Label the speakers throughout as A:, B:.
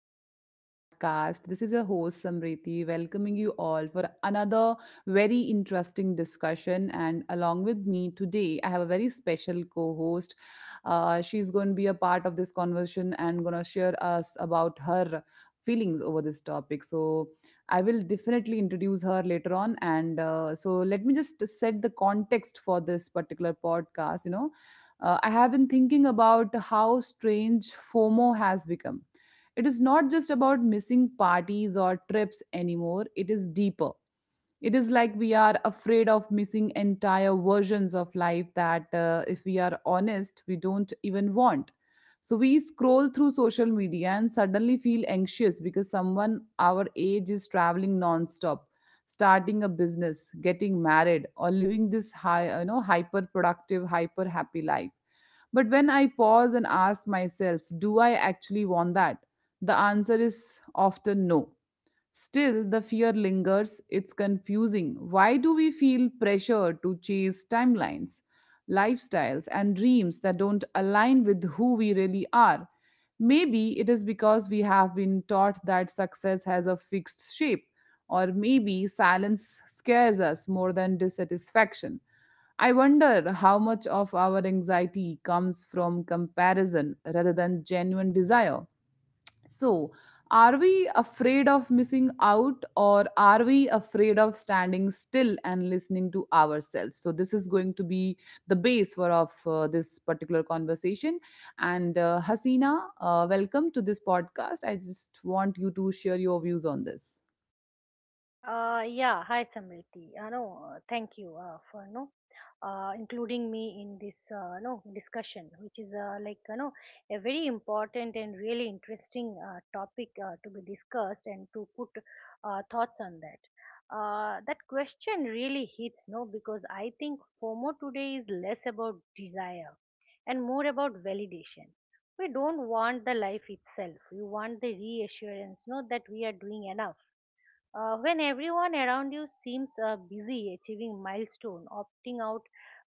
A: to another podcast. This is your host, Samriti, welcoming you all for another very interesting discussion. And along with me today, I have a very special co host. She's going to be a part of this conversation and going to share us about her feelings over this topic. So, I will definitely introduce her later on. Let me just set the context for this particular podcast. I have been thinking about how strange FOMO has become. It is not just about missing parties or trips anymore, it is deeper. It is like we are afraid of missing entire versions of life that, if we are honest, we don't even want. So we scroll through social media and suddenly feel anxious because someone our age is traveling non-stop, starting a business, getting married, or living this high, hyper productive, hyper happy life. But when I pause and ask myself, do I actually want that? The answer is often no. Still, the fear lingers. It's confusing. Why do we feel pressure to chase timelines, lifestyles, and dreams that don't align with who we really are? Maybe it is because we have been taught that success has a fixed shape, or maybe silence scares us more than dissatisfaction. I wonder how much of our anxiety comes from comparison rather than genuine desire. So, are we afraid of missing out, or are we afraid of standing still and listening to ourselves? So, this is going to be the base for of this particular conversation. And Hasina, welcome to this podcast. I just want you to share your views on this.
B: Yeah, hi Samriti. No, Thank you for no including me in this no discussion, which is like you know a very important and really interesting topic to be discussed and to put thoughts on that. That question really hits no because I think FOMO today is less about desire and more about validation. We don't want the life itself. We want the reassurance, no, that we are doing enough when everyone around you seems busy achieving milestone, opting out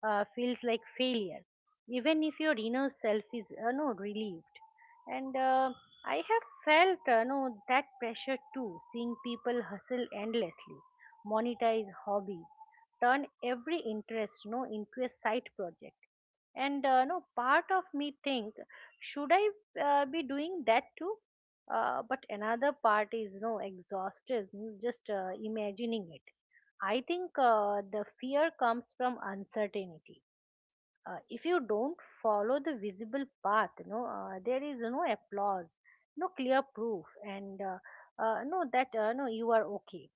B: feels like failure, even if your inner self is no relieved. And I have felt no that pressure too, seeing people hustle endlessly, monetize hobbies, turn every interest no into a side project. And no part of me think, should I be doing that too? But another part is no know exhausted just imagining it. I think the fear comes from uncertainty. If you don't follow the visible path, you know, there is no applause, no clear proof, and no that no you are okay.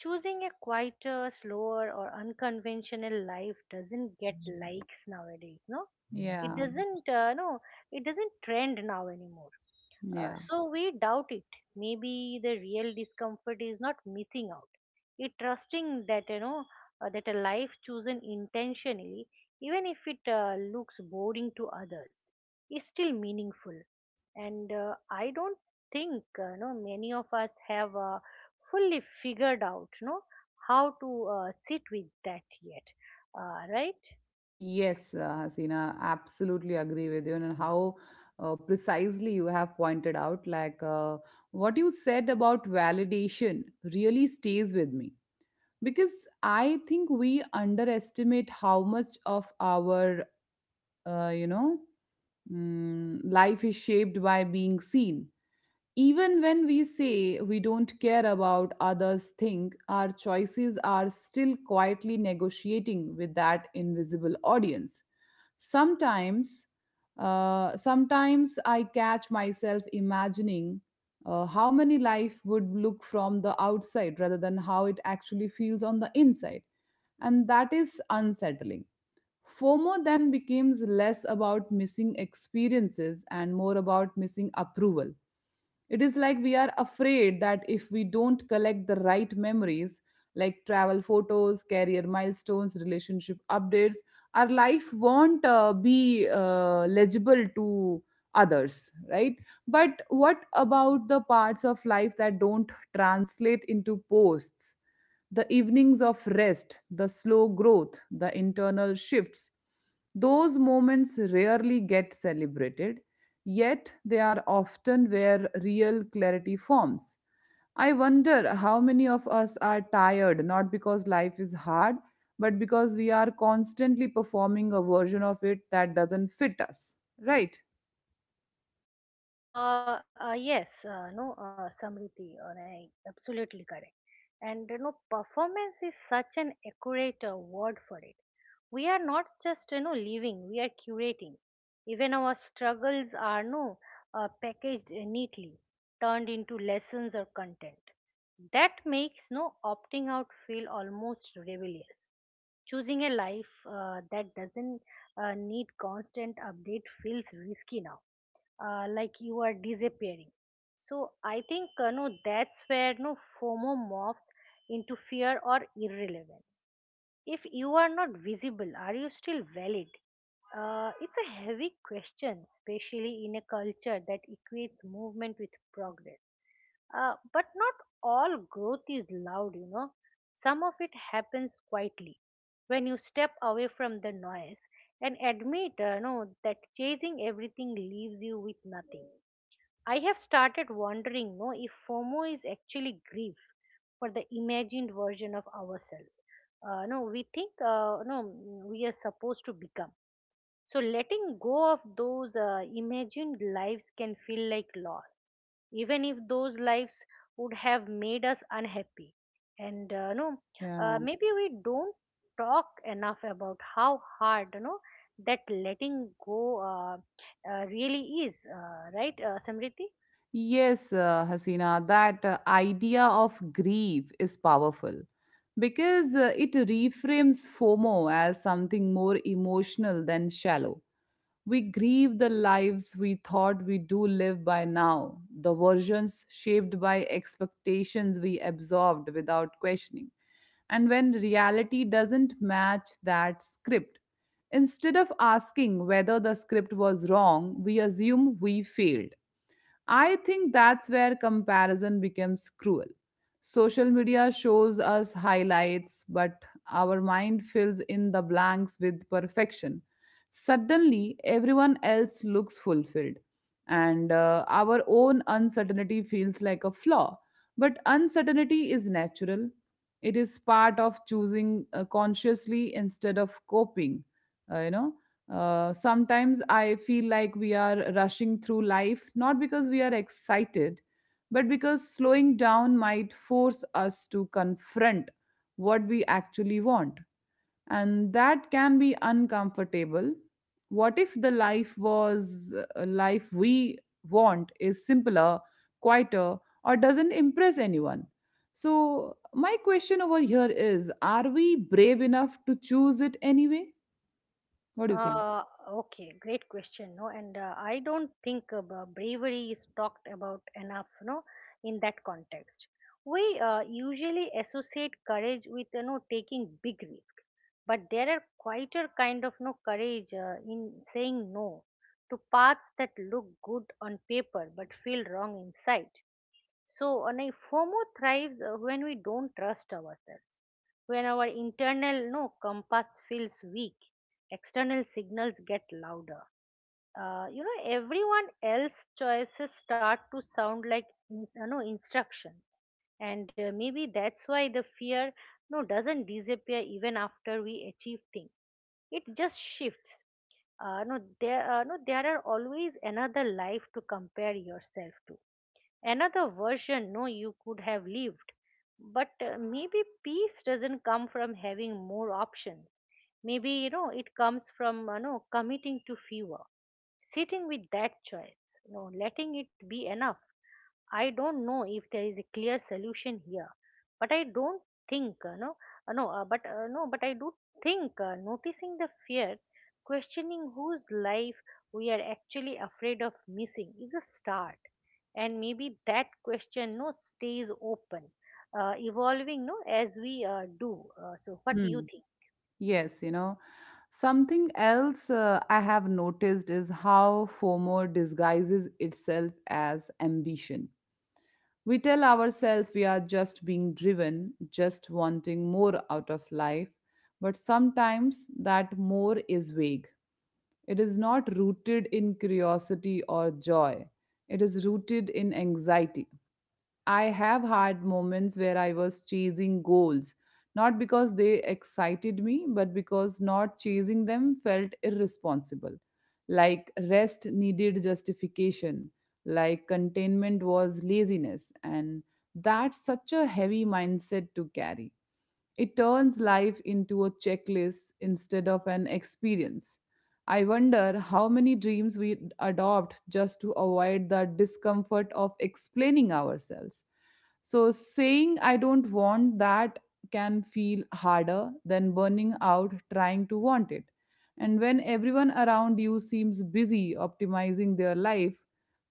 B: Choosing a quieter, slower or unconventional life doesn't get likes nowadays no, it
A: Yeah,
B: doesn't it doesn't trend now anymore. uh,
A: yeah.
B: so we doubt it. Maybe the real discomfort is not missing out. It trusting that you know that a life chosen intentionally, even if it looks boring to others, is still meaningful. And I don't think you know many of us have fully figured out you know how to sit with that yet. Right?
A: Yes, Hasina, absolutely agree with you. And how precisely you have pointed out, like, what you said about validation really stays with me, because I think we underestimate how much of our, uh, you know, life is shaped by being seen. Even when we say we don't care about others think, our choices are still quietly negotiating with that invisible audience. Sometimes, sometimes, I catch myself imagining how many life would look from the outside rather than how it actually feels on the inside. And that is unsettling. FOMO then becomes less about missing experiences and more about missing approval. It is like we are afraid that if we don't collect the right memories, like travel photos, career milestones, relationship updates, our life won't be legible to others, right? But what about the parts of life that don't translate into posts? The evenings of rest, the slow growth, the internal shifts. Those moments rarely get celebrated, yet they are often where real clarity forms. I wonder how many of us are tired, not because life is hard, but because we are constantly performing a version of it that doesn't fit us, right?
B: Yes, no, Samriti, right, absolutely correct. And you know, performance is such an accurate word for it. We are not just you know living; we are curating. Even our struggles are no packaged neatly, turned into lessons or content. That makes no opting out feel almost rebellious. Choosing a life that doesn't need constant update feels risky now, like you are disappearing. So I think that's where no FOMO morphs into fear or irrelevance. If you are not visible, are you still valid? It's a heavy question, especially in a culture that equates movement with progress. But not all growth is loud, you know. Some of it happens quietly when you step away from the noise and admit no, that chasing everything leaves you with nothing. I have started wondering no, if FOMO is actually grief for the imagined version of ourselves. No, we think no, we are supposed to become. So letting go of those imagined lives can feel like loss, even if those lives would have made us unhappy, and
A: Yeah.
B: maybe we don't talk enough about how hard you know that letting go really is, right samriti?
A: Yes, Hasina, that idea of grief is powerful, because it reframes FOMO as something more emotional than shallow. We grieve the lives we thought we do live by now, the versions shaped by expectations we absorbed without questioning. And when reality doesn't match that script, instead of asking whether the script was wrong, we assume we failed. I think that's where comparison becomes cruel. Social media shows us highlights, but our mind fills in the blanks with perfection. Suddenly, everyone else looks fulfilled, and our own uncertainty feels like a flaw. But uncertainty is natural, it is part of choosing consciously instead of coping. uh, you know Sometimes I feel like we are rushing through life, not because we are excited, but because slowing down might force us to confront what we actually want. And that can be uncomfortable. What if the life was a life we want is simpler, quieter, or doesn't impress anyone? So, my question over here is, are we brave enough to choose it anyway? What do you
B: Uh, okay, great question. No, and I don't think bravery is talked about enough. You know, in that context, we usually associate courage with you know taking big risk, but there are quieter kind of no courage in saying no to paths that look good on paper but feel wrong inside. And FOMO thrives when we don't trust ourselves, when our internal no compass feels weak, external signals get louder. You know, everyone else's choices start to sound like in, no instruction, and maybe that's why the fear no doesn't disappear even after we achieve things. It just shifts. No there no there are always another life to compare yourself to, another version no you could have lived, but maybe peace doesn't come from having more options. Maybe you know it comes from you know committing to fewer, sitting with that choice, no, letting it be enough. I don't know if there is a clear solution here, but I don't think no no but no but I do think noticing the fear, questioning whose life we are actually afraid of missing is a start, and maybe that question no stays open, evolving no as we do. So what do you
A: think?
B: think?
A: Yes, you know, something else I have noticed is how FOMO disguises itself as ambition. We tell ourselves we are just being driven, just wanting more out of life, but sometimes that more is vague. It is not rooted in curiosity or joy, it is rooted in anxiety. I have had moments where I was chasing goals, not because they excited me, but because not chasing them felt irresponsible. Like rest needed justification, like containment was laziness, and that's such a heavy mindset to carry. It turns life into a checklist instead of an experience. I wonder how many dreams we adopt just to avoid the discomfort of explaining ourselves. So, saying I don't want that can feel harder than burning out trying to want it. And when everyone around you seems busy optimizing their life,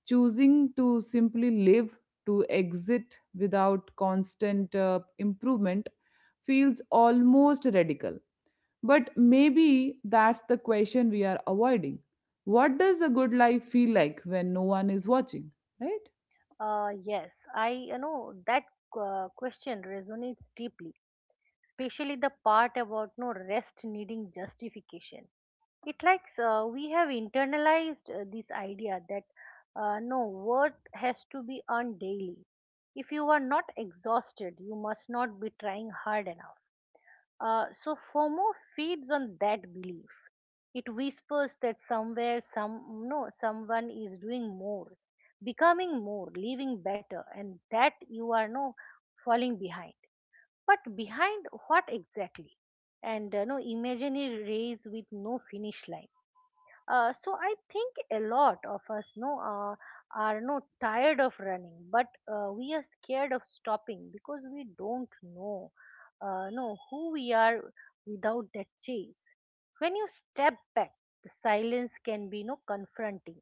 A: choosing to simply live, to exit without constant improvement, feels almost radical. But maybe that's the question we are avoiding. What does a good life feel like when no one is watching, right?
B: Yes, I you know that question resonates deeply, especially the part about no rest needing justification. It likes we have internalized this idea that no worth has to be earned daily. If you are not exhausted you must not be trying hard enough. So fomo feeds on that belief. It whispers that somewhere some no someone is doing more, becoming more, living better, and that you are no falling behind. But behind what exactly? And imaginary race with no finish line. So I think a lot of us are no tired of running, but we are scared of stopping because we don't know who we are without that chase. When you step back, the silence can be no confronting.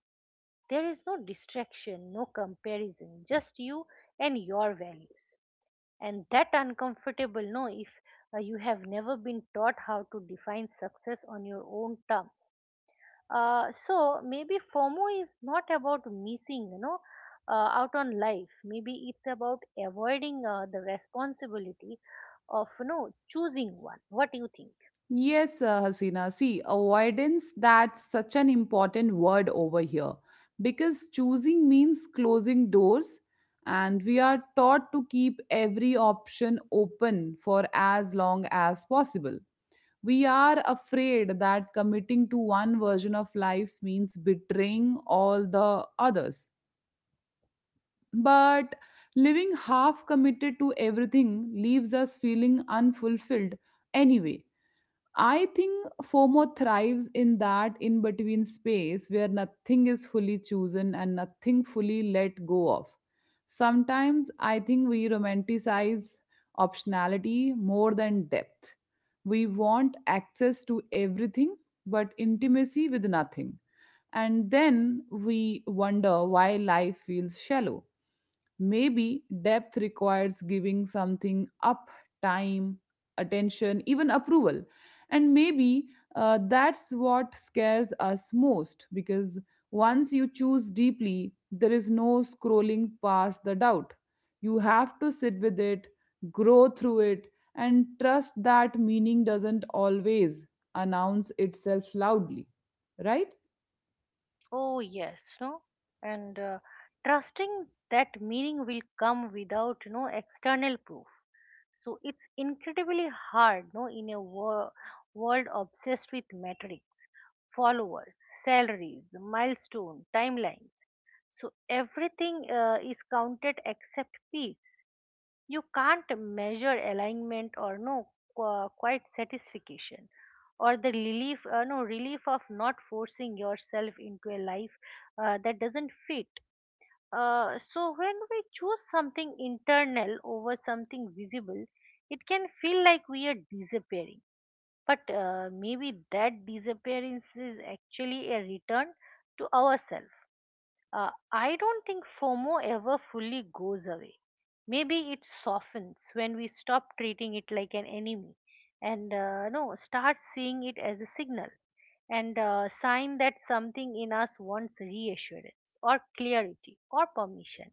B: There is no distraction, no comparison, just you and your values. And that uncomfortable no if you have never been taught how to define success on your own terms. So maybe FOMO is not about missing, you know, out on life. Maybe it's about avoiding the responsibility of, you know, choosing one. What do you think?
A: Yes, Hasina. See, avoidance, that's such an important word over here, because choosing means closing doors, and we are taught to keep every option open for as long as possible. We are afraid that committing to one version of life means betraying all the others. But living half committed to everything leaves us feeling unfulfilled anyway. I think FOMO thrives in that in between space where nothing is fully chosen and nothing fully let go of. Sometimes I think we romanticize optionality more than depth. We want access to everything but intimacy with nothing. And then we wonder why life feels shallow. Maybe depth requires giving something up: time, attention, even approval. And maybe that's what scares us most, because once you choose deeply, there is no scrolling past the doubt. You have to sit with it, grow through it, and trust that meaning doesn't always announce itself loudly, right?
B: Oh yes, no, and trusting that meaning will come without, you know, external proof. So it's incredibly hard, no, in a world obsessed with metrics, followers, salaries, milestone, timelines. So everything is counted except P. You can't measure alignment or no quite satisfaction or the relief relief of not forcing yourself into a life that doesn't fit. So when we choose something internal over something visible, it can feel like we are disappearing. But maybe that disappearance is actually a return to ourselves. I don't think FOMO ever fully goes away. Maybe it softens when we stop treating it like an enemy and no start seeing it as a signal and sign that something in us wants reassurance or clarity or permission.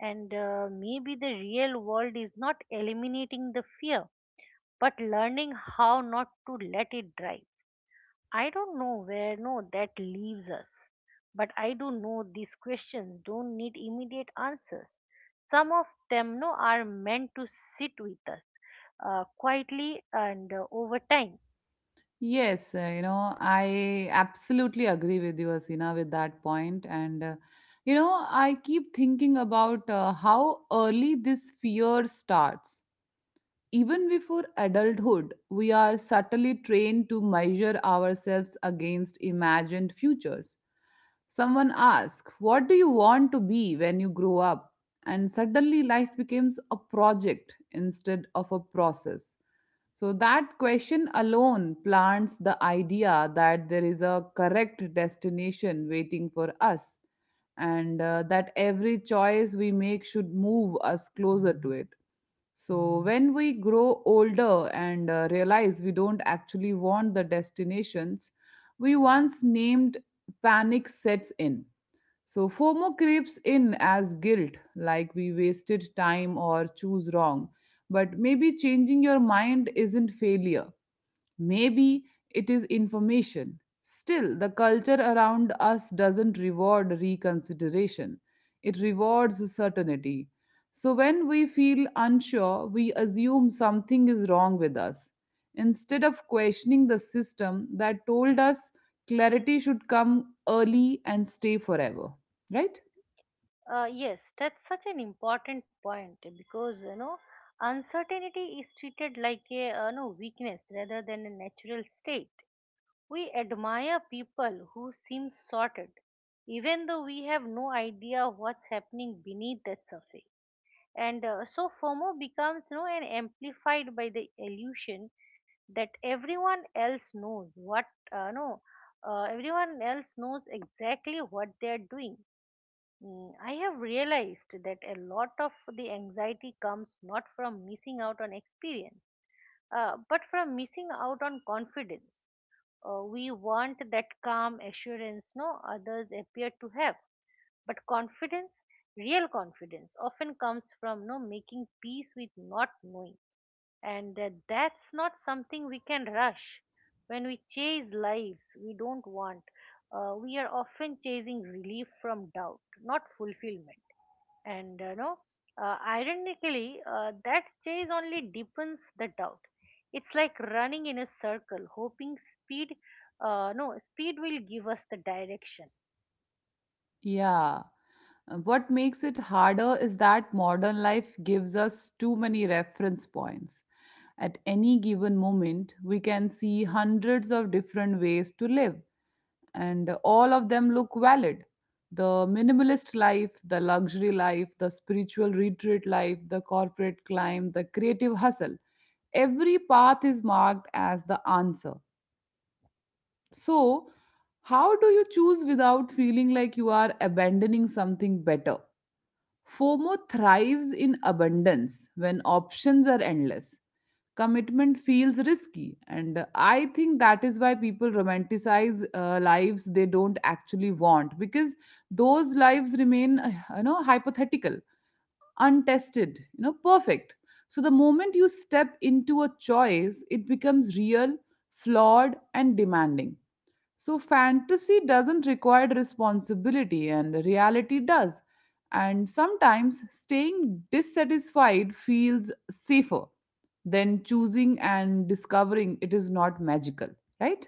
B: And maybe the real world is not eliminating the fear, but learning how not to let it drive. I don't know where no that leaves us, but I do know these questions don't need immediate answers. Some of them no, are meant to sit with us quietly and over time.
A: Yes, I absolutely agree with you, Asina, with that point. And I keep thinking about how early this fear starts. Even before adulthood, we are subtly trained to measure ourselves against imagined futures. Someone asks, what do you want to be when you grow up? And suddenly life becomes a project instead of a process. So, that question alone plants the idea that there is a correct destination waiting for us, and that every choice we make should move us closer to it. So, when we grow older and realize we don't actually want the destinations we once named, panic sets in. So, FOMO creeps in as guilt, like we wasted time or choose wrong. But maybe changing your mind isn't failure. Maybe it is information. Still, the culture around us doesn't reward reconsideration, it rewards certainty. So, when we feel unsure, we assume something is wrong with us. Instead of questioning the system that told us clarity should come early and stay forever, right?
B: Yes, that's such an important point because you know uncertainty is treated like a no weakness rather than a natural state. We admire people who seem sorted, even though we have no idea what's happening beneath that surface. And so fomo becomes you know and amplified by the illusion that everyone else knows what no everyone else knows exactly what they are doing. Mm, I have realized that a lot of the anxiety comes not from missing out on experience, but from missing out on confidence. We want that calm assurance no others appear to have, but confidence, real confidence, often comes from no making peace with not knowing, and that's not something we can rush. When we chase lives we don't want, we are often chasing relief from doubt, not fulfillment. And no, ironically, that chase only deepens the doubt. It's like running in a circle, hoping speed. No, speed will give us the direction.
A: Yeah. What makes it harder is that modern life gives us too many reference points. At any given moment, we can see hundreds of different ways to live, and all of them look valid. The minimalist life, the luxury life, the spiritual retreat life, the corporate climb, the creative hustle. Every path is marked as the answer. So, how do you choose without feeling like you are abandoning something better? FOMO thrives in abundance. When options are endless, commitment feels risky, and I think that is why people romanticize lives they don't actually want, because those lives remain, hypothetical, untested, perfect. So the moment you step into a choice, it becomes real, flawed, and demanding. So, fantasy doesn't require responsibility, and reality does. And sometimes staying dissatisfied feels safer than choosing and discovering it is not magical, right?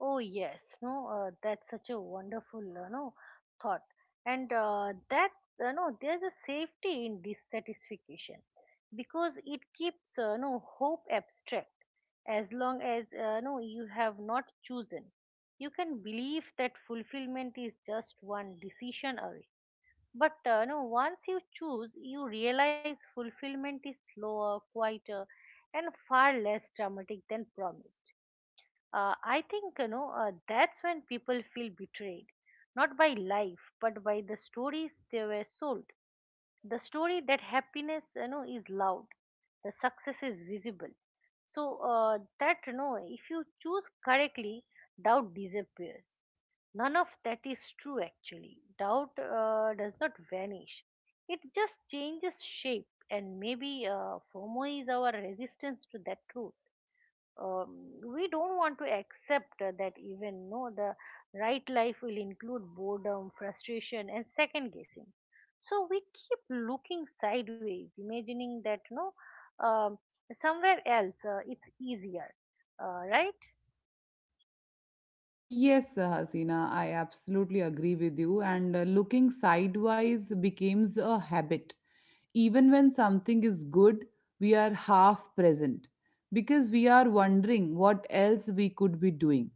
B: Oh yes, no, that's such a wonderful, thought, and that no, there's a safety in dissatisfaction because it keeps no hope abstract. As long as you have not chosen, you can believe that fulfillment is just one decision away. But no, once you choose, you realize fulfillment is slower, quieter, and far less dramatic than promised. I think you know that's when people feel betrayed, not by life but by the stories they were sold. The story that happiness you know is loud, the success is visible, so that you know if you choose correctly doubt disappears. None of that is true. Actually doubt does not vanish, it just changes shape. And maybe fomo is our resistance to that truth. We don't want to accept that even no the right life will include boredom, frustration and second guessing, so we keep looking sideways, imagining that no, um, somewhere else it's easier, right?
A: Yes, Hasina, I absolutely agree with you. And looking sidewise becomes a habit. Even when something is good, we are half present because we are wondering what else we could be doing.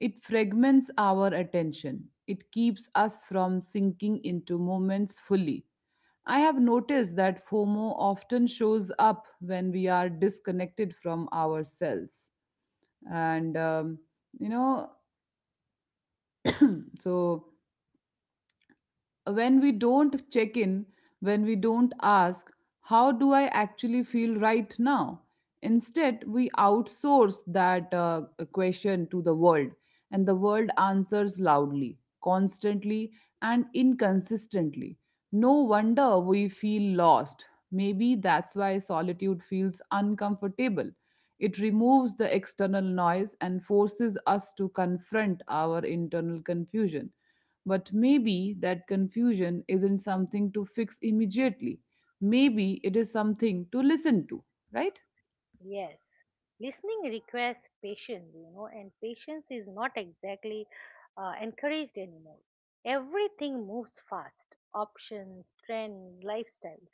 A: It fragments our attention. It keeps us from sinking into moments fully. I have noticed that FOMO often shows up when we are disconnected from ourselves. And, um, you know, so when we don't check in, when we don't ask, how do I actually feel right now? Instead, we outsource that question to the world, and the world answers loudly, constantly, and inconsistently. No wonder we feel lost. Maybe that's why solitude feels uncomfortable. It removes the external noise and forces us to confront our internal confusion. But maybe that confusion isn't something to fix immediately. Maybe it is something to listen to, right?
B: Yes, listening requires patience, you know, and patience is not exactly encouraged anymore. Everything moves fast: options, trends, lifestyles.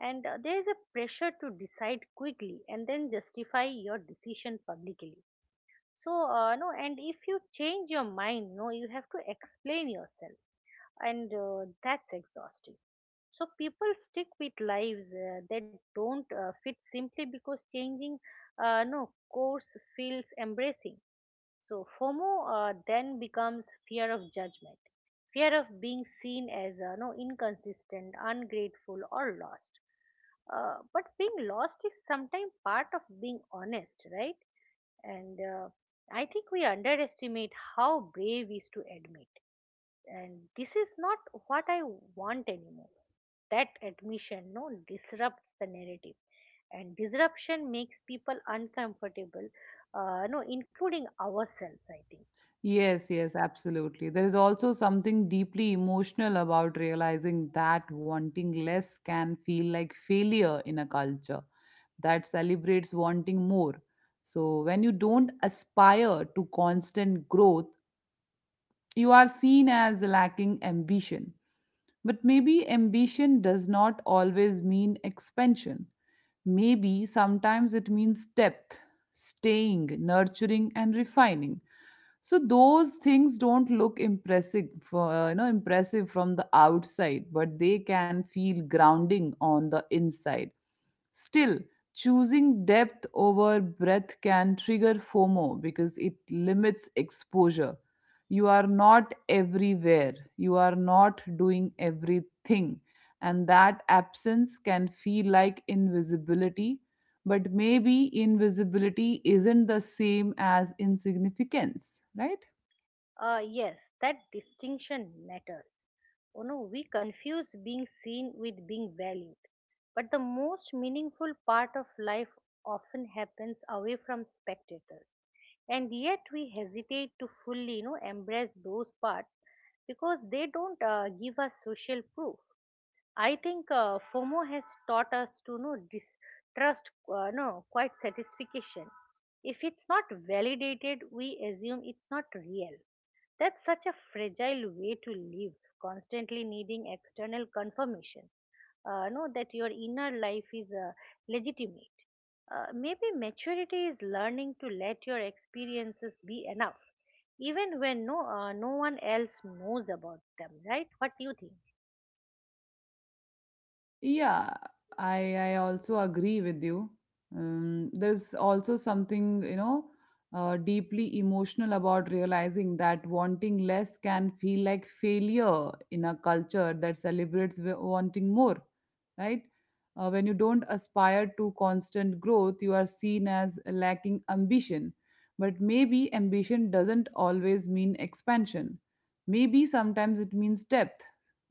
B: And there is a pressure to decide quickly and then justify your decision publicly. So, no, and if you change your mind, no, you have to explain yourself and that's exhausting. So people stick with lives that don't fit simply because changing, no course feels embracing. So FOMO then becomes fear of judgment, fear of being seen as no inconsistent, ungrateful, or lost. But being lost is sometimes part of being honest, right? And I think we underestimate how brave is to admit, and this is not what I want anymore. That admission no disrupts the narrative, and disruption makes people uncomfortable. No, Including ourselves, I think.
A: Yes, yes, absolutely. There is also something deeply emotional about realizing that wanting less can feel like failure in a culture that celebrates wanting more. So, when you don't aspire to constant growth, you are seen as lacking ambition. But maybe ambition does not always mean expansion. Maybe sometimes it means depth, staying, nurturing, and refining. So those things don't look impressive, impressive from the outside, but they can feel grounding on the inside. Still, choosing depth over breadth can trigger FOMO because it limits exposure. You are not everywhere, you are not doing everything, and that absence can feel like invisibility. But maybe invisibility isn't the same as insignificance, right?
B: Yes, that distinction matters. You know, we confuse being seen with being valued. But the most meaningful part of life often happens away from spectators. And yet we hesitate to fully, you know, embrace those parts because they don't give us social proof. I think FOMO has taught us to know distrust, quite satisfaction. If it's not validated, we assume it's not real. That's such a fragile way to live, constantly needing external confirmation. Know that your inner life is legitimate. Maybe maturity is learning to let your experiences be enough, even when no one else knows about them. Right? What do you think?
A: Yeah, i I also agree with you. There's also something, you know, deeply emotional about realizing that wanting less can feel like failure in a culture that celebrates wanting more, right? When you don't aspire to constant growth, you are seen as lacking ambition. But maybe ambition doesn't always mean expansion. Maybe sometimes it means depth,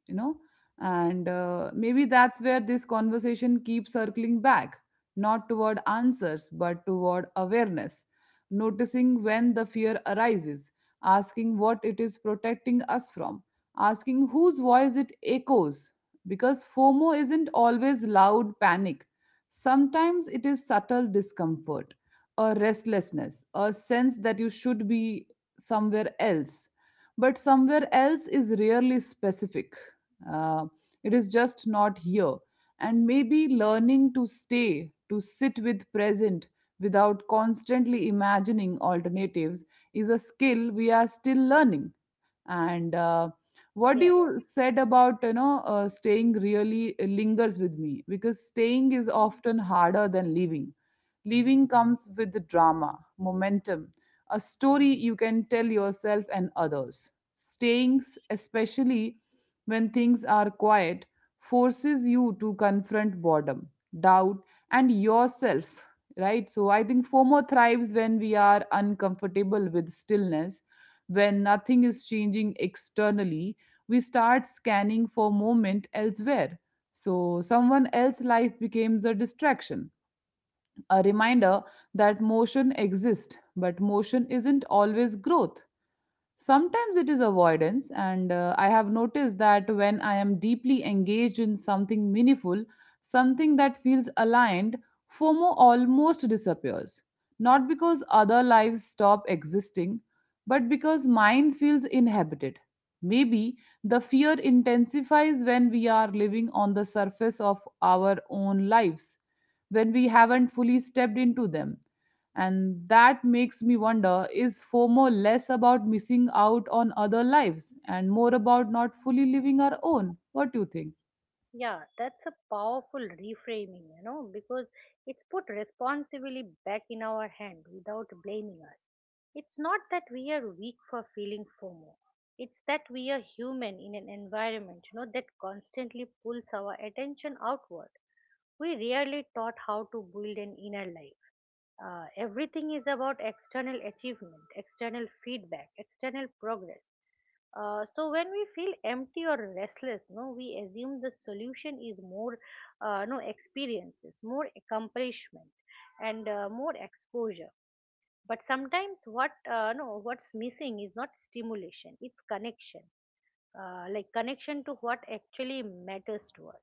A: you know? And maybe that's where this conversation keeps circling back, not toward answers, but toward awareness, noticing when the fear arises, asking what it is protecting us from, asking whose voice it echoes, because FOMO isn't always loud panic. Sometimes it is subtle discomfort, a restlessness, a sense that you should be somewhere else. But somewhere else is rarely specific. Uh, it is just not here. And maybe learning to stay, to sit with present without constantly imagining alternatives is a skill we are still learning. And what
B: Yes.
A: you said about staying really lingers with me, because staying is often harder than leaving. Leaving comes with the drama momentum, a story you can tell yourself and others. Staying, especially when things are quiet, forces you to confront boredom, doubt, and yourself, right? So I think FOMO thrives when we are uncomfortable with stillness. When nothing is changing externally, we start scanning for moment elsewhere. So, someone else's life becomes a distraction, a reminder that motion exists, but motion isn't always growth. Sometimes it is avoidance, and I have noticed that when I am deeply engaged in something meaningful, something that feels aligned, FOMO almost disappears. Not because other lives stop existing, but because mine feels inhabited. Maybe the fear intensifies when we are living on the surface of our own lives, when we haven't fully stepped into them. And that makes me wonder, is FOMO less about missing out on other lives and more about not fully living our own? What do you think?
B: Yeah, that's a powerful reframing, you know, because it's put responsibility back in our hand without blaming us. It's not that we are weak for feeling FOMO. It's that we are human in an environment, you know, that constantly pulls our attention outward. We rarely taught how to build an inner life. Everything is about external achievement, external feedback, external progress. So when we feel empty or restless, no, we assume the solution is more, no experiences, more accomplishment, and more exposure. But sometimes what what's missing is not stimulation; it's connection, like connection to what actually matters to us,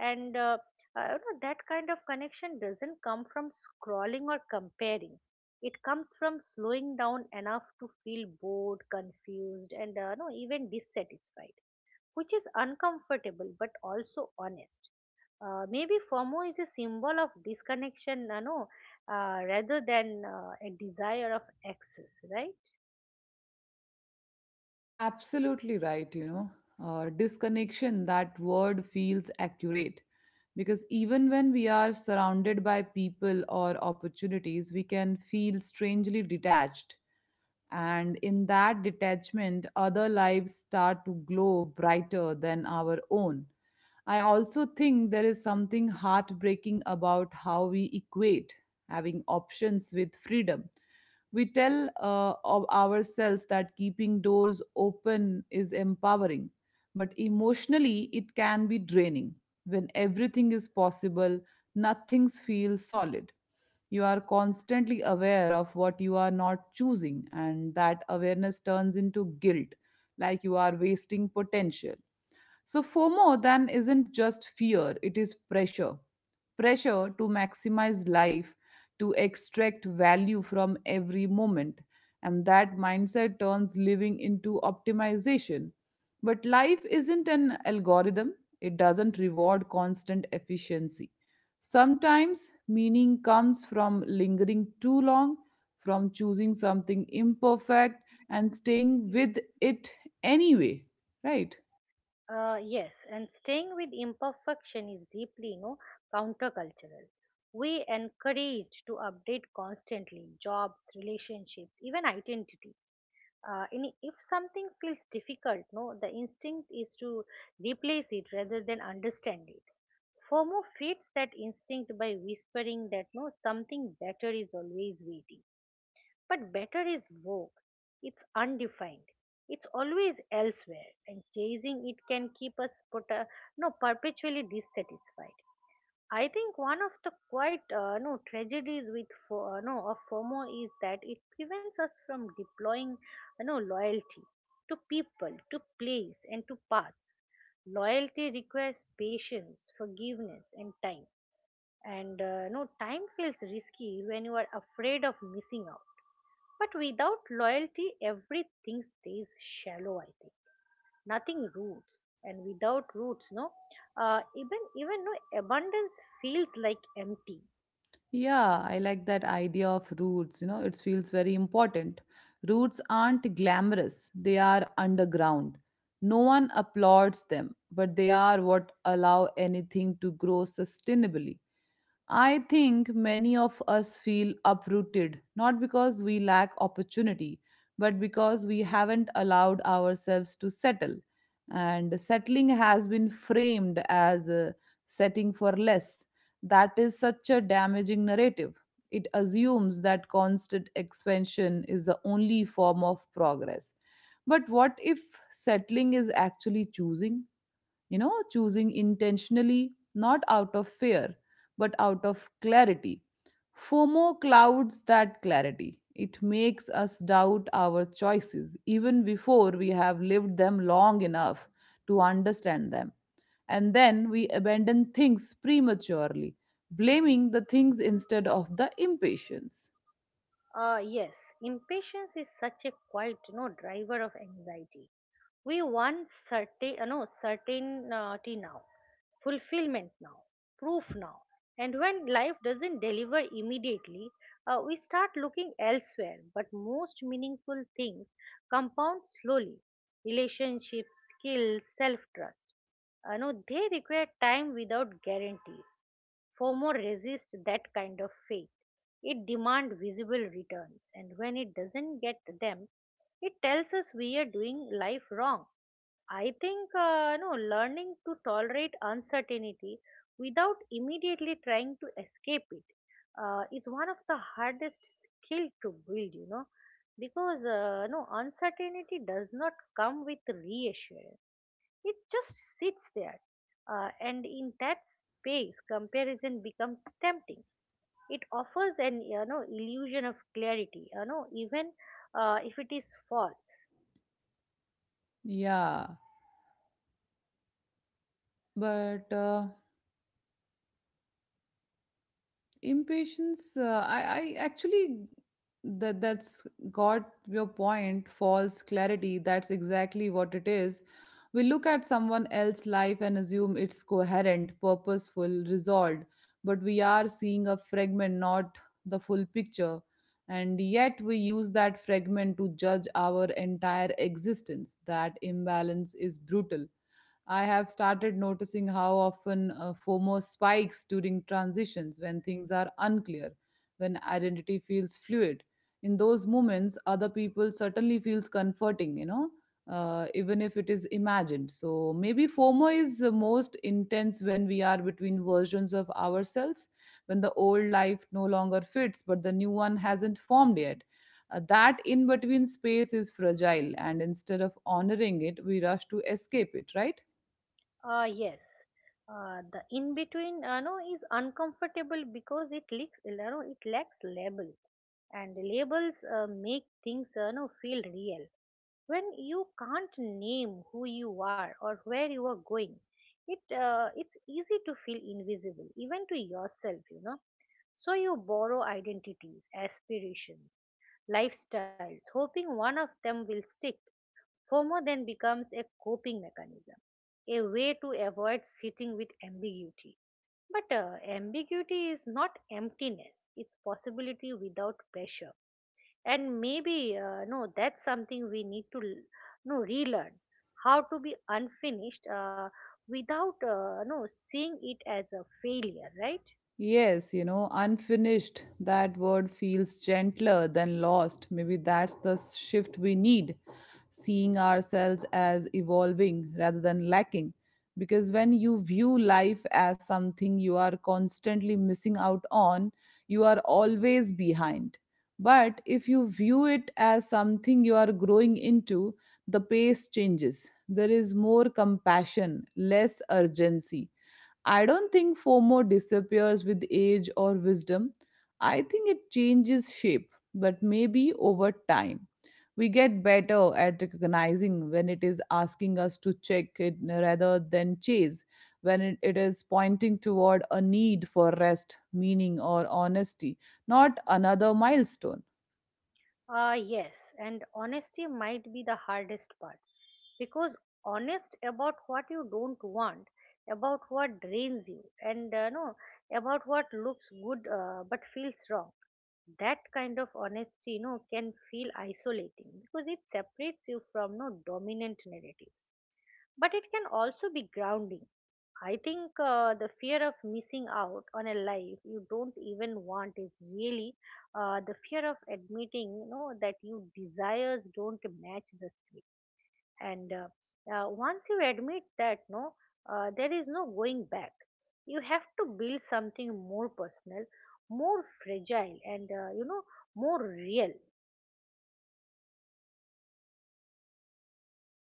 B: and you know, that kind of connection doesn't come from scrolling or comparing. It comes from slowing down enough to feel bored, confused, and you know, even dissatisfied, which is uncomfortable but also honest. Maybe FOMO is a symbol of disconnection, rather than a desire of access, right?
A: Absolutely right, you know. Disconnection, that word feels accurate because even when we are surrounded by people or opportunities, we can feel strangely detached. And in that detachment, other lives start to glow brighter than our own. I also think there is something heartbreaking about how we equate having options with freedom. We tell of ourselves that keeping doors open is empowering, but emotionally it can be draining. When everything is possible, nothing feels solid. You are constantly aware of what you are not choosing, and that awareness turns into guilt, like you are wasting potential. So, FOMO then isn't just fear, it is pressure. Pressure to maximize life, to extract value from every moment. And that mindset turns living into optimization. But life isn't an algorithm, it doesn't reward constant efficiency. Sometimes meaning comes from lingering too long, from choosing something imperfect and staying with it anyway, right?
B: Yes, and staying with imperfection is deeply, you know, countercultural. We encouraged to update constantly jobs, relationships, even identities. And if something feels difficult, no, the instinct is to replace it rather than understand it. FOMO feeds that instinct by whispering that no, something better is always waiting, but better is vogue. It's undefined. It's always elsewhere, and chasing it can keep us put, no, perpetually dissatisfied. I think one of the quite tragedies with fo- no of FOMO is that it prevents us from deploying no loyalty to people, to place, and to paths. Loyalty requires patience, forgiveness, and time, and no, time feels risky when you are afraid of missing out. But without loyalty, everything stays shallow, I think. Nothing roots. And without roots, no, even even no abundance feels like empty.
A: Yeah, I like that idea of roots. You know, it feels very important. Roots aren't glamorous, they are underground. No one applauds them, but they are what allow anything to grow sustainably. I think many of us feel uprooted, not because we lack opportunity, but because we haven't allowed ourselves to settle. And settling has been framed as setting for less. That is such a damaging narrative. It assumes that constant expansion is the only form of progress. But what if settling is actually choosing? You know, choosing intentionally, not out of fear but out of clarity. FOMO clouds that clarity. It makes us doubt our choices even before we have lived them long enough to understand them, and then we abandon things prematurely, blaming the things instead of the impatience.
B: Yes, impatience is such a quite, you know, driver of anxiety. We want certain no certainty now, fulfillment now, proof now, and when life doesn't deliver immediately, we start looking elsewhere. But most meaningful things compound slowly: relationships, skills, self-trust. No, they require time without guarantees. FOMO resists that kind of faith. It demands visible returns, and when it doesn't get them, it tells us we are doing life wrong. I think no learning to tolerate uncertainty without immediately trying to escape it is one of the hardest skill to build, you know, because uncertainty does not come with reassurance, it just sits there. And in that space, comparison becomes tempting. It offers an, you know, illusion of clarity, you know, even if it is false.
A: Yeah, but impatience, uh, I actually, that's got your point, false clarity. That's exactly what it is. We look at someone else's life and assume it's coherent, purposeful, resolved, but we are seeing a fragment, not the full picture. And yet we use that fragment to judge our entire existence. That imbalance is brutal. I have started noticing how often FOMO spikes during transitions, when things are unclear, when identity feels fluid. In those moments, other people certainly feels comforting, you know, even if it is imagined. So maybe FOMO is the most intense when we are between versions of ourselves, when the old life no longer fits, but the new one hasn't formed yet. That in between space is fragile, and instead of honoring it, we rush to escape it, right?
B: Yes. The in between no is uncomfortable because it lacks, you know, it lacks label, and labels make things no feel real. When you can't name who you are or where you are going, it's easy to feel invisible even to yourself, you know. So you borrow identities, aspirations, lifestyles, hoping one of them will stick. FOMO then becomes a coping mechanism, a way to avoid sitting with ambiguity. But ambiguity is not emptiness, it's possibility without pressure. And maybe, no, that's something we need to l- no, relearn, how to be unfinished without no, seeing it as a failure, right?
A: Yes, you know, unfinished, that word feels gentler than lost. Maybe that's the shift we need, seeing ourselves as evolving rather than lacking. Because when you view life as something you are constantly missing out on, you are always behind. But if you view it as something you are growing into, the pace changes. There is more compassion, less urgency. I don't think FOMO disappears with age or wisdom. I think it changes shape, but maybe over time. We get better at recognizing when it is asking us to check it rather than chase, when it is pointing toward a need for rest, meaning, or honesty, not another milestone.
B: Yes, and honesty might be the hardest part, because honest about what you don't want, about what drains you, and no about what looks good but feels wrong. That kind of honesty, you know, can feel isolating because it separates you from no dominant narratives, but it can also be grounding. I think the fear of missing out on a life you don't even want is really the fear of admitting, you know, that your desires don't match the script. And once you admit that, there is no going back. You have to build something more personal, more fragile, and you know, more real.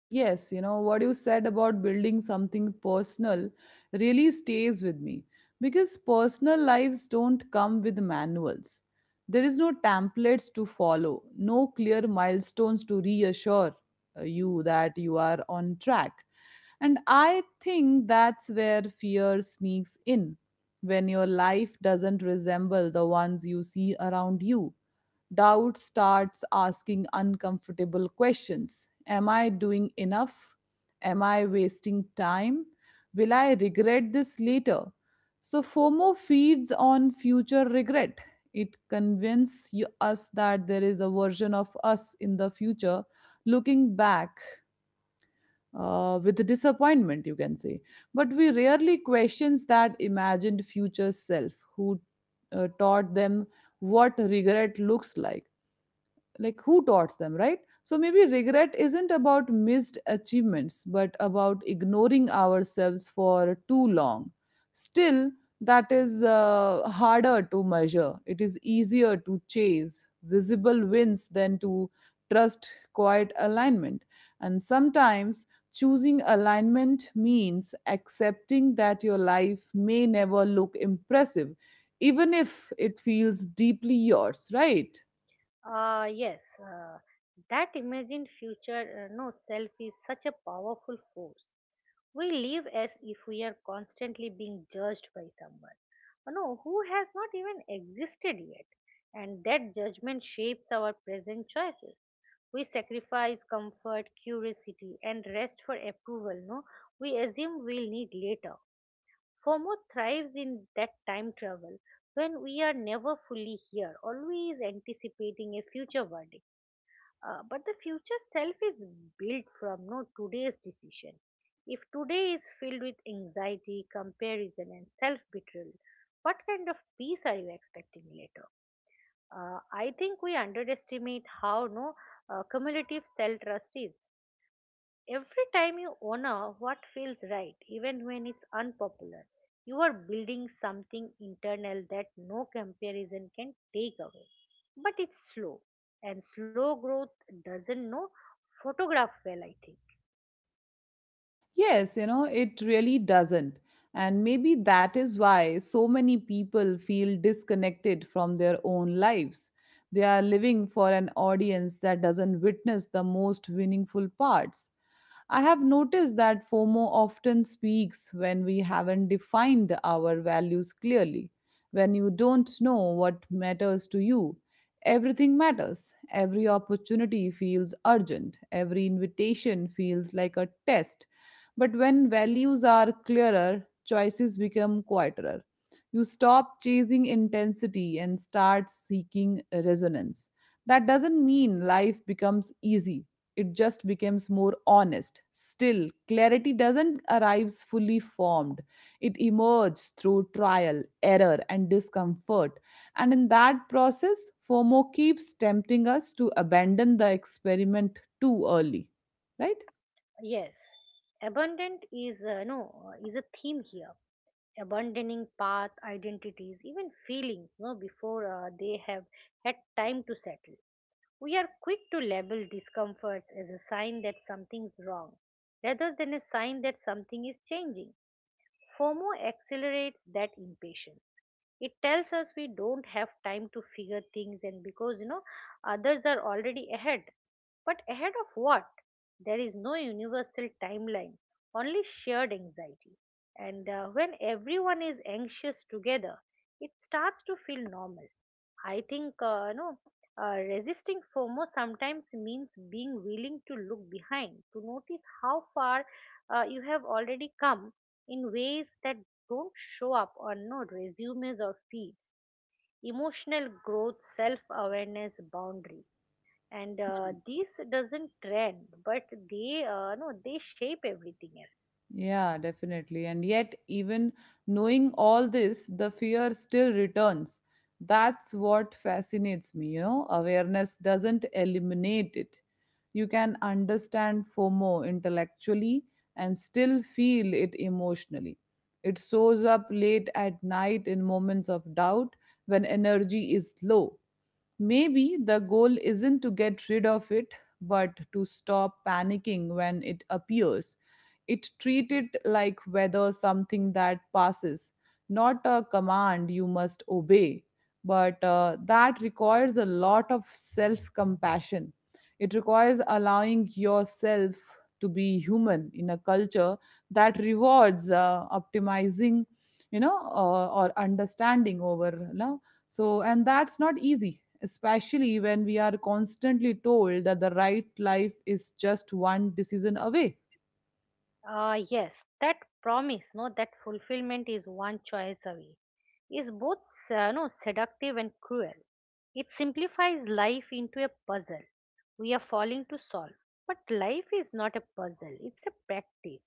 A: Yes, you know, what you said about building something personal really stays with me, because personal lives don't come with manuals. There is no templates to follow, no clear milestones to reassure you that you are on track. And I think that's where fear sneaks in, when your life doesn't resemble the ones you see around you. Doubt starts asking uncomfortable questions. Am I doing enough? Am I wasting time? Will I regret this later? So, FOMO feeds on future regret. It convinces us that there is a version of us in the future looking back with disappointment, you can say. But we rarely questions that imagined future self. Who taught them what regret looks like? Like, who taught them, right? So maybe regret isn't about missed achievements but about ignoring ourselves for too long. Still, that is harder to measure. It is easier to chase visible wins than to trust quiet alignment. And sometimes choosing alignment means accepting that your life may never look impressive, even if it feels deeply yours, right?
B: Yes, that imagined future no self is such a powerful force. We live as if we are constantly being judged by someone, no who has not even existed yet, and that judgment shapes our present choices. We sacrifice comfort, curiosity, and rest for approval, no? We assume we'll need later. FOMO thrives in that time travel, when we are never fully here, always anticipating a future verdict. But the future self is built from today's decision. If today is filled with anxiety, comparison, and self betrayal, what kind of peace are you expecting later? I think we underestimate how no cumulative self trust is. Every time you honor what feels right, even when it's unpopular, you are building something internal that no comparison can take away. But it's slow, and slow growth doesn't know photograph well, I think.
A: Yes, you know, it really doesn't. And maybe that is why so many people feel disconnected from their own lives. They are living for an audience that doesn't witness the most meaningful parts. I have noticed that FOMO often speaks when we haven't defined our values clearly. When you don't know what matters to you, everything matters. Every opportunity feels urgent, every invitation feels like a test. But when values are clearer, choices become quieter. You stop chasing intensity and start seeking resonance. That doesn't mean life becomes easy. It just becomes more honest. Still, clarity doesn't arrive fully formed. It emerges through trial, error, and discomfort. And in that process, FOMO keeps tempting us to abandon the experiment too early, right?
B: Yes, abundant is no is a theme here. Abandoning path, identities, even feelings, no, before they have had time to settle. We are quick to label discomforts as a sign that something's wrong rather than a sign that something is changing. FOMO accelerates that impatience. It tells us we don't have time to figure things, and because, you know, others are already ahead. But ahead of what? There is no universal timeline, only shared anxiety. And when everyone is anxious together, it starts to feel normal. I think you know, resisting FOMO sometimes means being willing to look behind, to notice how far you have already come in ways that don't show up on no resumes or feeds. Emotional growth, self-awareness, boundary, and these doesn't trend, but they no they shape everything else.
A: Yeah, definitely. And yet, even knowing all this, the fear still returns. That's what fascinates me, you know. Awareness doesn't eliminate it. You can understand FOMO intellectually and still feel it emotionally. It shows up late at night, in moments of doubt, when energy is low. Maybe the goal isn't to get rid of it, but to stop panicking when it appears. It treat it like whether something that passes, not a command you must obey. But that requires a lot of self compassion. It requires allowing yourself to be human in a culture that rewards optimizing, or understanding over love. So, and that's not easy, especially when we are constantly told that the right life is just one decision away.
B: Ah, yes, that promise, no, that fulfillment is one choice away. Is both no seductive and cruel. It simplifies life into a puzzle we are falling to solve. But life is not a puzzle; it's a practice.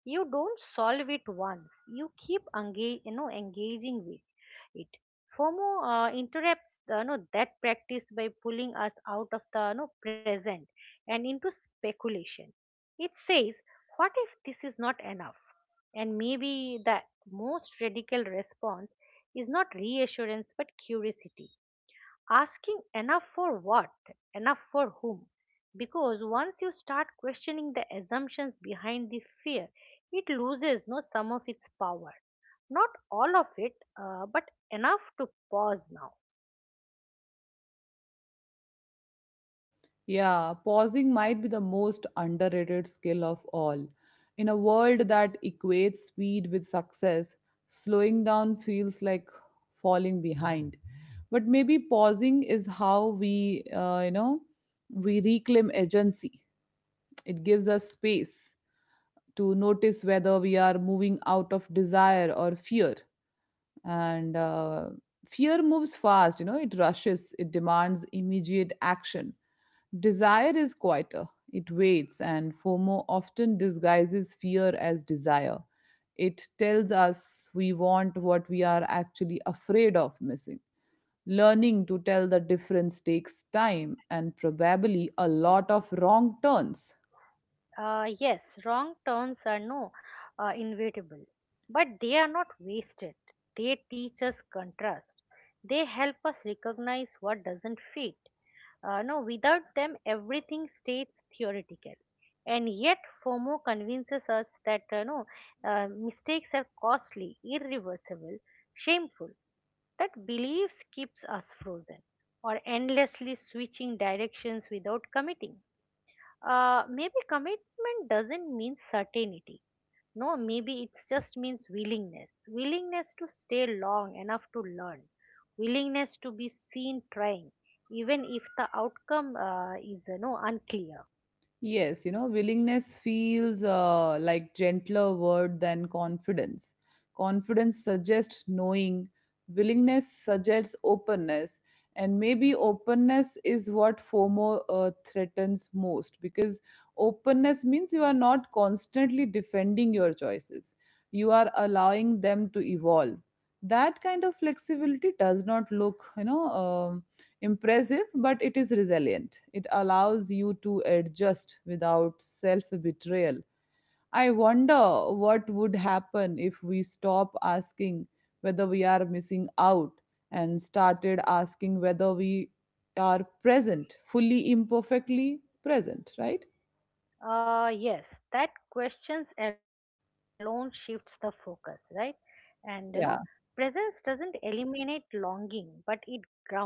B: You don't solve it once. You keep engaging with it. FOMO interrupts no, that practice by pulling us out of the no, present and into speculation. It says, what if this is not enough? And maybe the most radical response is not reassurance but curiosity. Asking, enough for what? Enough for whom? Because once you start questioning the assumptions behind the fear, it loses no some of its power. Not all of it, but enough to pause now.
A: Yeah, pausing might be the most underrated skill of all. In a world that equates speed with success, slowing down feels like falling behind. But maybe pausing is how we, we reclaim agency. It gives us space to notice whether we are moving out of desire or fear. And fear moves fast, you know. It rushes, it demands immediate action. Desire is quieter, it waits. And FOMO often disguises fear as desire. It tells us we want what we are actually afraid of missing. Learning to tell the difference takes time and probably a lot of wrong turns.
B: Yes, wrong turns are no inevitable, but they are not wasted. They teach us contrast. They help us recognize what doesn't fit. No, Without them, everything stays theoretical. And yet, FOMO convinces us that no mistakes are costly, irreversible, shameful. That beliefs keeps us frozen, or endlessly switching directions without committing. Maybe commitment doesn't mean certainty. No, Maybe it just means willingness. Willingness to stay long enough to learn. Willingness to be seen trying, even if the outcome is no unclear.
A: Yes, you know, willingness feels like gentler word than confidence. Confidence suggests knowing, willingness suggests openness, and maybe openness is what FOMO threatens most, because openness means you are not constantly defending your choices. You are allowing them to evolve. That kind of flexibility does not look, impressive, but it is resilient. It allows you to adjust without self betrayal. I wonder what would happen if we stop asking whether we are missing out and started asking whether we are present, fully imperfectly present, right?
B: Yes, that questions alone shifts the focus, right? And, you know,
A: Yeah.
B: presence doesn't eliminate longing, but it grounds it,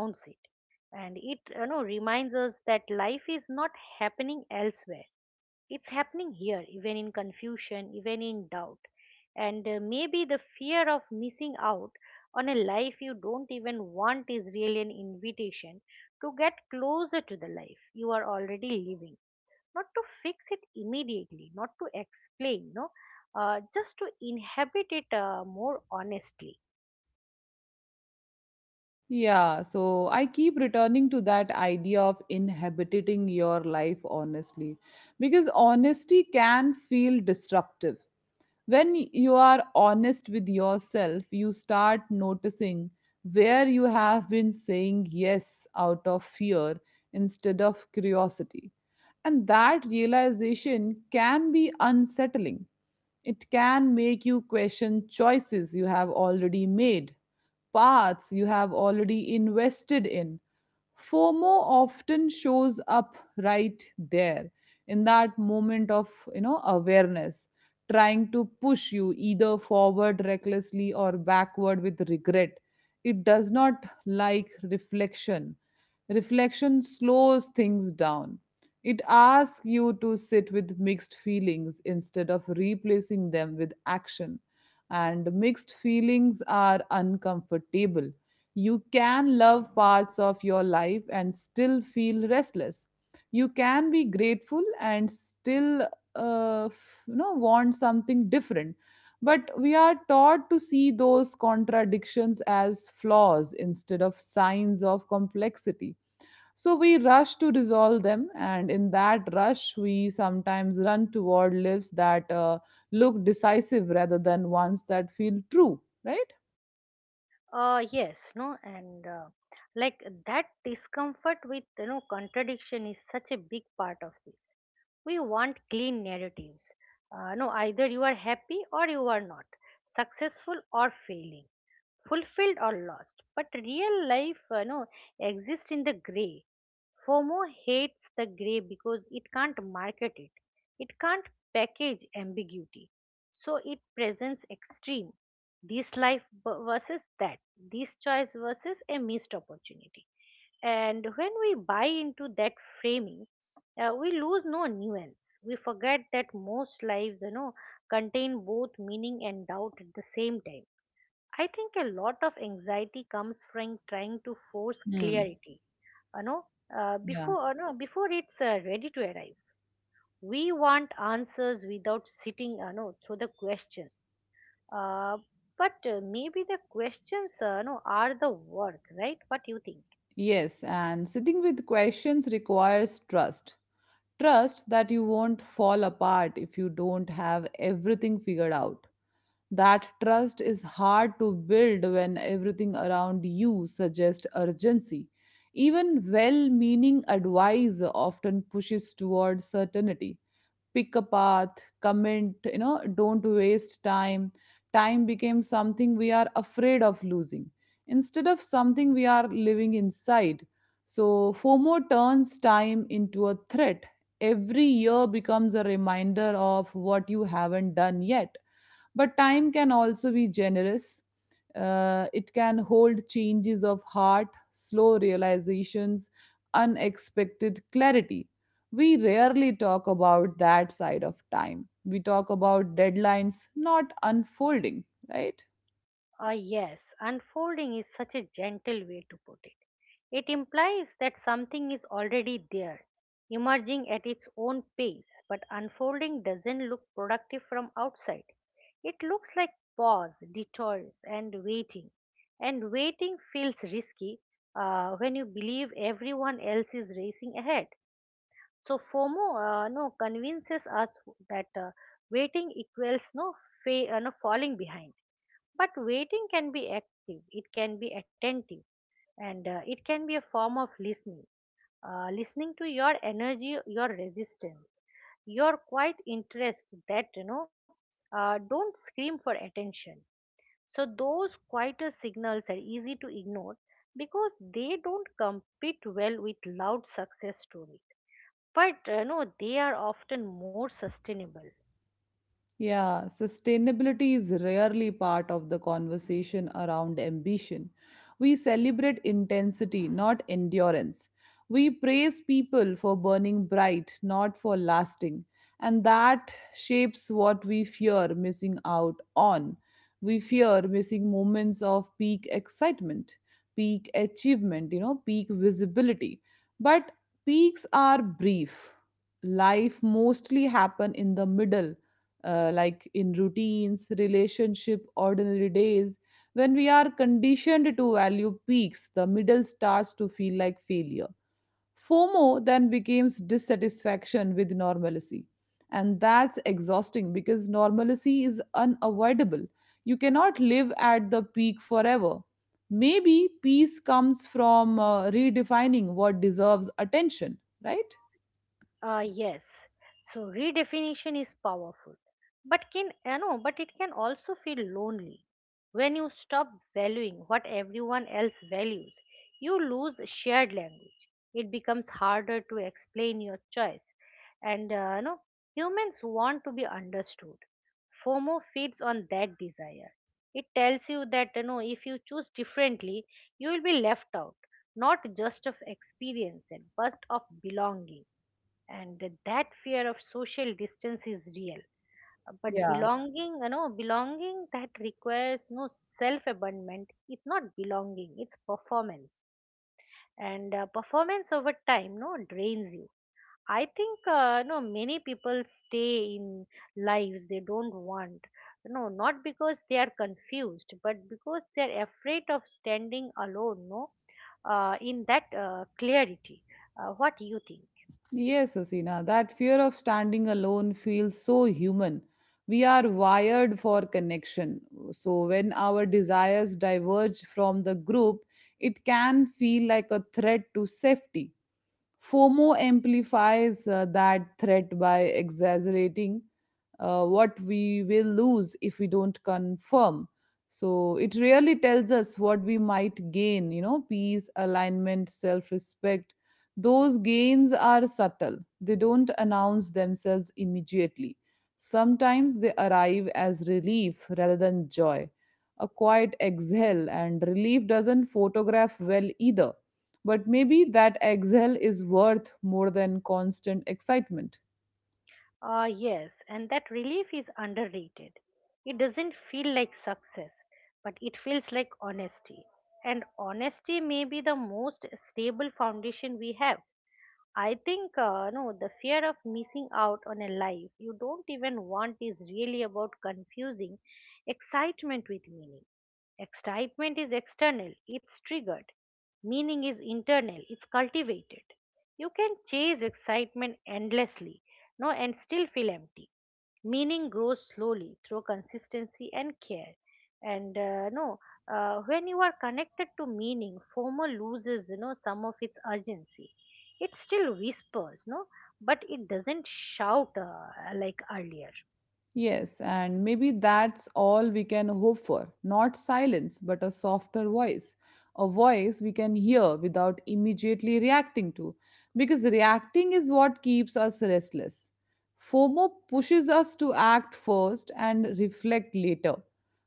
B: and it, you know, reminds us that life is not happening elsewhere. It's happening here, even in confusion, even in doubt. And maybe the fear of missing out on a life you don't even want is really an invitation to get closer to the life you are already living. Not to fix it immediately, not to explain, no, just to inhabit it more honestly.
A: Yeah, so I keep returning to that idea of inhabiting your life honestly because honesty can feel disruptive. When you are honest with yourself, you start noticing where you have been saying yes out of fear instead of curiosity. And that realization can be unsettling. It can make you question choices you have already made, paths you have already invested in. FOMO often shows up right there in that moment of, you know, awareness, trying to push you either forward recklessly or backward with regret. It does not like reflection. Reflection slows things down. It asks you to sit with mixed feelings instead of replacing them with action. And mixed feelings are uncomfortable. You can love parts of your life and still feel restless. You can be grateful and still want something different. But we are taught to see those contradictions as flaws instead of signs of complexity, so we rush to resolve them, and in that rush, we sometimes run toward lives that look decisive rather than ones that feel true, right?
B: Yes, no, and like That discomfort with, you know, contradiction is such a big part of this. We want clean narratives. No, Either you are happy or you are not, successful or failing, fulfilled or lost. But real life, no, exists in the gray. FOMO hates the gray because it can't market it, it can't package ambiguity. So it presents extreme. This life versus that, this choice versus a missed opportunity. And when we buy into that framing, we lose no nuance. We forget that most lives, you know, contain both meaning and doubt at the same time. I think a lot of anxiety comes from trying to force
A: Hmm.
B: clarity. You know, uh,
A: Yeah.
B: before you know, before it's ready to arrive, we want answers without sitting through the question. Uh, but maybe the questions are the work, right? What do you think?
A: Yes, and sitting with questions requires trust. Trust that you won't fall apart if you don't have everything figured out. That trust is hard to build when everything around you suggests urgency. Even well meaning advice often pushes towards certainty. Pick a path, comment, you know, don't waste time. Time becomes something we are afraid of losing instead of something we are living inside. So, FOMO turns time into a threat. Every year becomes a reminder of what you haven't done yet, but time can also be generous. It can hold changes of heart, slow realizations, unexpected clarity. We rarely talk about that side of time. We talk about deadlines, not unfolding, right?
B: Ah, yes, unfolding is such a gentle way to put it. It implies that something is already there, emerging at its own pace, but unfolding doesn't look productive from outside. It looks like pause, detours, and waiting. And waiting feels risky when you believe everyone else is racing ahead. So FOMO no convinces us that waiting equals fa- no falling behind. But waiting can be active, it can be attentive, and it can be a form of listening. Listening to your energy, your resistance, your quiet interest that don't scream for attention. So those quieter signals are easy to ignore because they don't compete well with loud success stories but no, they are often more sustainable.
A: Yeah, sustainability is rarely part of the conversation around ambition. We celebrate intensity, not endurance. We praise people for burning bright, not for lasting. And that shapes what we fear missing out on. We fear missing moments of peak excitement, peak achievement, you know, peak visibility. But peaks are brief. Life mostly happen in the middle, like in routines, relationship, ordinary days. When we are conditioned to value peaks, the middle starts to feel like failure. FOMO then becomes dissatisfaction with normalcy. And that's exhausting because normalcy is unavoidable. You cannot live at the peak forever. Maybe peace comes from redefining what deserves attention, right?
B: Yes. So redefinition is powerful, but it can also feel lonely. When you stop valuing what everyone else values, you lose shared language. It becomes harder to explain your choice, and humans want to be understood. FOMO feeds on that desire. It tells you that if you choose differently, you will be left out, not just of experience, but of belonging, and that fear of social distance is real. But
A: Yeah.
B: belonging you know belonging that requires no self abandonment, it's not belonging, it's performance, and performance over time no drains you. I think no many people stay in lives they don't want, no not because they are confused but because they are afraid of standing alone, no in that clarity. What do you think?
A: Yes, Asina, that fear of standing alone feels so human. We are wired for connection. So, when our desires diverge from the group, it can feel like a threat to safety. FOMO amplifies that threat by exaggerating what we will lose if we don't confirm. So it really tells us what we might gain, you know, peace, alignment, self respect. Those gains are subtle, they don't announce themselves immediately. Sometimes they arrive as relief rather than joy. A quiet exhale, and relief doesn't photograph well either, but maybe that exhale is worth more than constant excitement.
B: Ah, yes, and that relief is underrated. It doesn't feel like success, but it feels like honesty. And honesty may be the most stable foundation we have. I think no, the fear of missing out on a life you don't even want is really about confusing excitement with meaning. Excitement is external, it's triggered. Meaning is internal, it's cultivated. You can chase excitement endlessly, no, and still feel empty. Meaning grows slowly through consistency and care, and no when you are connected to meaning, FOMO loses some of its urgency. It still whispers, but it doesn't shout like earlier.
A: Yes, and maybe that's all we can hope for. Not silence, but a softer voice. A voice we can hear without immediately reacting to. Because reacting is what keeps us restless. FOMO pushes us to act first and reflect later.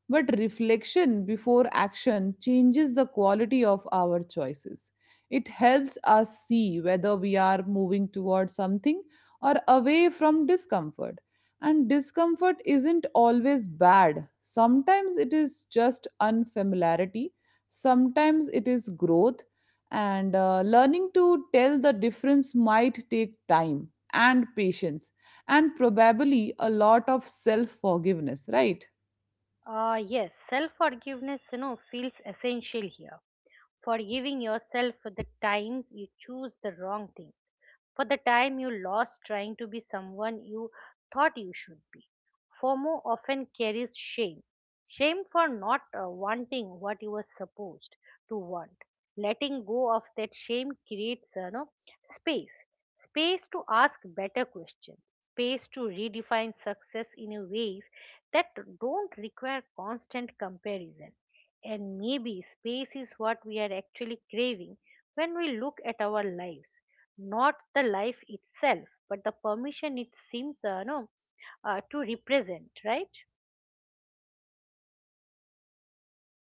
A: But reflection before action changes the quality of our choices. It helps us see whether we are moving towards something or away from discomfort, and discomfort isn't always bad. Sometimes it is just unfamiliarity, sometimes it is growth, and learning to tell the difference might take time and patience and probably a lot of self forgiveness, right?
B: Yes, self forgiveness feels essential here, forgiving yourself for the times you choose the wrong thing, for the time you lost trying to be someone you thought you should be. FOMO often carries shame, shame for not wanting what you were supposed to want. Letting go of that shame creates no, space, space to ask better questions, space to redefine success in a ways that don't require constant comparison. And maybe space is what we are actually craving when we look at our lives, not the life itself but the permission it seems no to represent, right?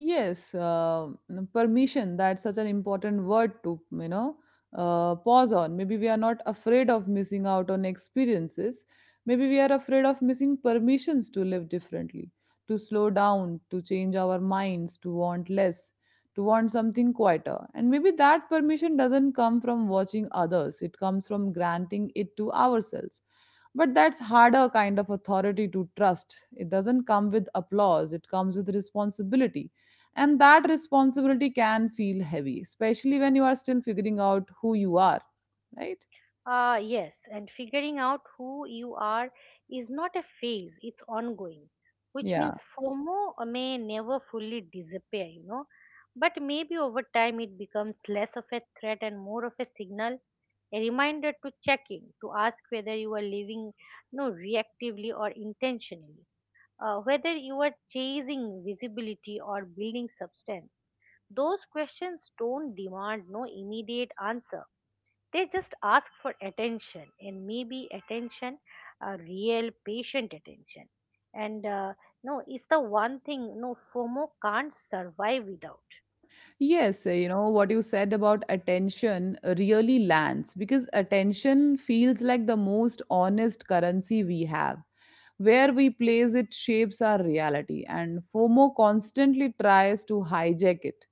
A: Yes, permission. That's such an important word to, pause on. Maybe we are not afraid of missing out on experiences. Maybe we are afraid of missing permissions to live differently, to slow down, to change our minds, to want less, to want something quieter. And maybe that permission doesn't come from watching others, it comes from granting it to ourselves. But that's harder kind of authority to trust. It doesn't come with applause, it comes with responsibility, and that responsibility can feel heavy, especially when you are still figuring out who you are, right?
B: Yes, and figuring out who you are is not a phase, it's ongoing, which
A: Yeah.
B: means FOMO may never fully disappear, but maybe over time it becomes less of a threat and more of a signal, a reminder to check in, to ask whether you are living no reactively or intentionally. Whether you are chasing visibility or building substance, those questions don't demand no immediate answer. They just ask for attention, and maybe attention, real patient attention. And no, it's the one thing FOMO can't survive without.
A: Yes, you know, what you said about attention really lands because attention feels like the most honest currency we have. Where we place it shapes our reality, and FOMO constantly tries to hijack it,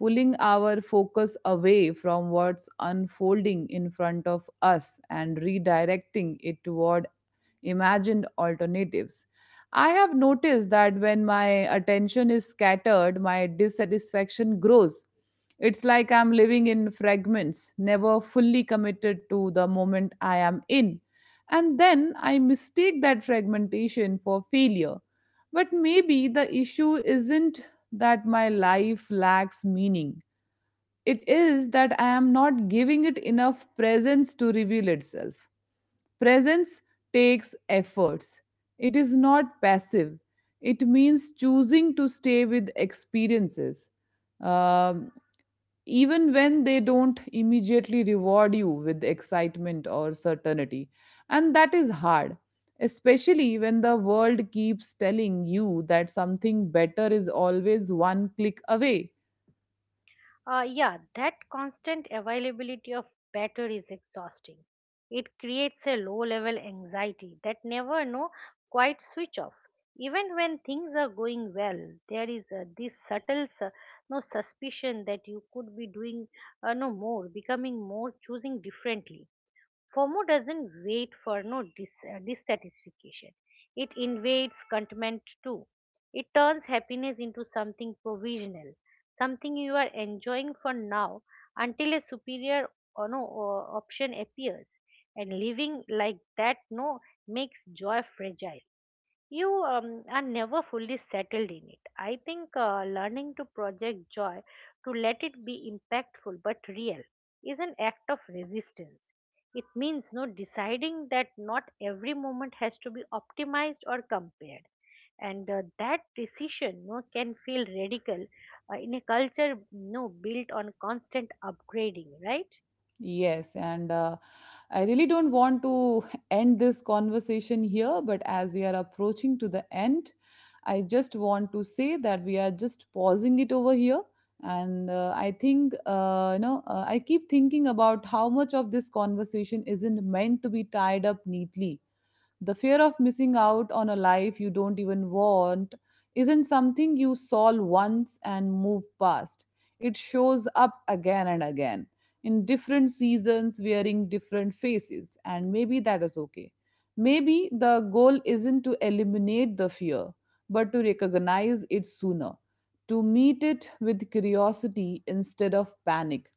A: pulling our focus away from what's unfolding in front of us and redirecting it toward imagined alternatives. I have noticed that when my attention is scattered, my dissatisfaction grows. It's like I'm living in fragments, never fully committed to the moment I am in. And then I mistake that fragmentation for failure. But maybe the issue isn't that my life lacks meaning, it is that I am not giving it enough presence to reveal itself. Presence takes efforts. It is not passive. It means choosing to stay with experiences, um, even when they don't immediately reward you with excitement or certainty. And that is hard, especially when the world keeps telling you that something better is always one click away.
B: Yeah, that constant availability of better is exhausting. It creates a low level anxiety that never no quite switch off. Even when things are going well, there is this subtle su- no suspicion that you could be doing no more, becoming more, choosing differently. FOMO doesn't wait for no dis- dissatisfaction. It invades contentment too. It turns happiness into something provisional, something you are enjoying for now until a superior or no option appears. And living like that no makes joy fragile. You are never fully settled in it. I think learning to project joy, to let it be impactful but real, is an act of resistance. It means deciding that not every moment has to be optimized or compared, and that decision no can feel radical in a culture no built on constant upgrading, right?
A: Yes, and I really don't want to end this conversation here, but as we are approaching to the end, I just want to say that we are just pausing it over here. And I think, I keep thinking about how much of this conversation isn't meant to be tied up neatly. The fear of missing out on a life you don't even want isn't something you solve once and move past. It shows up again and again in different seasons, wearing different faces, and maybe that is okay. Maybe the goal isn't to eliminate the fear, but to recognize it sooner, to meet it with curiosity instead of panic,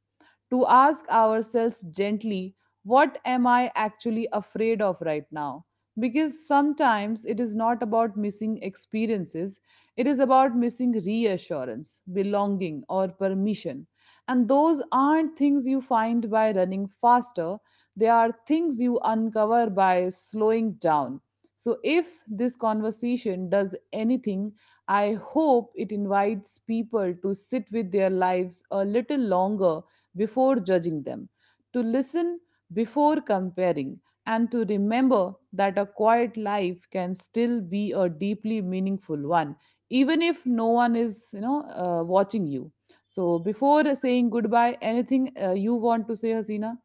A: to ask ourselves gently, what am I actually afraid of right now? Because sometimes it is not about missing experiences, it is about missing reassurance, belonging, or permission. And those aren't things you find by running faster, they are things you uncover by slowing down. So, if this conversation does anything, I hope it invites people to sit with their lives a little longer before judging them, to listen before comparing, and to remember that a quiet life can still be a deeply meaningful one, even if no one is, watching you. So, before saying goodbye, anything you want to say, Hasina?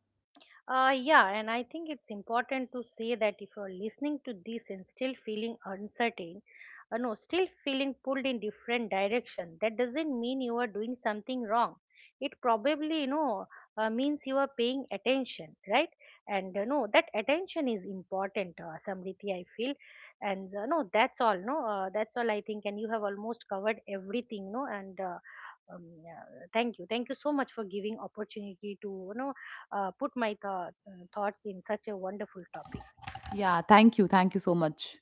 B: Yeah, and I think it's important to say that if you're listening to this and still feeling uncertain, no, still feeling pulled in different direction, that doesn't mean you are doing something wrong. It probably, means you are paying attention, right? And no, that attention is important, Samriti, I feel. And no, that's all, no, that's all I think. And you have almost covered everything, no, and yeah, thank you so much for giving opportunity to, put thoughts in such a wonderful topic.
A: Yeah, thank you. Thank you so much.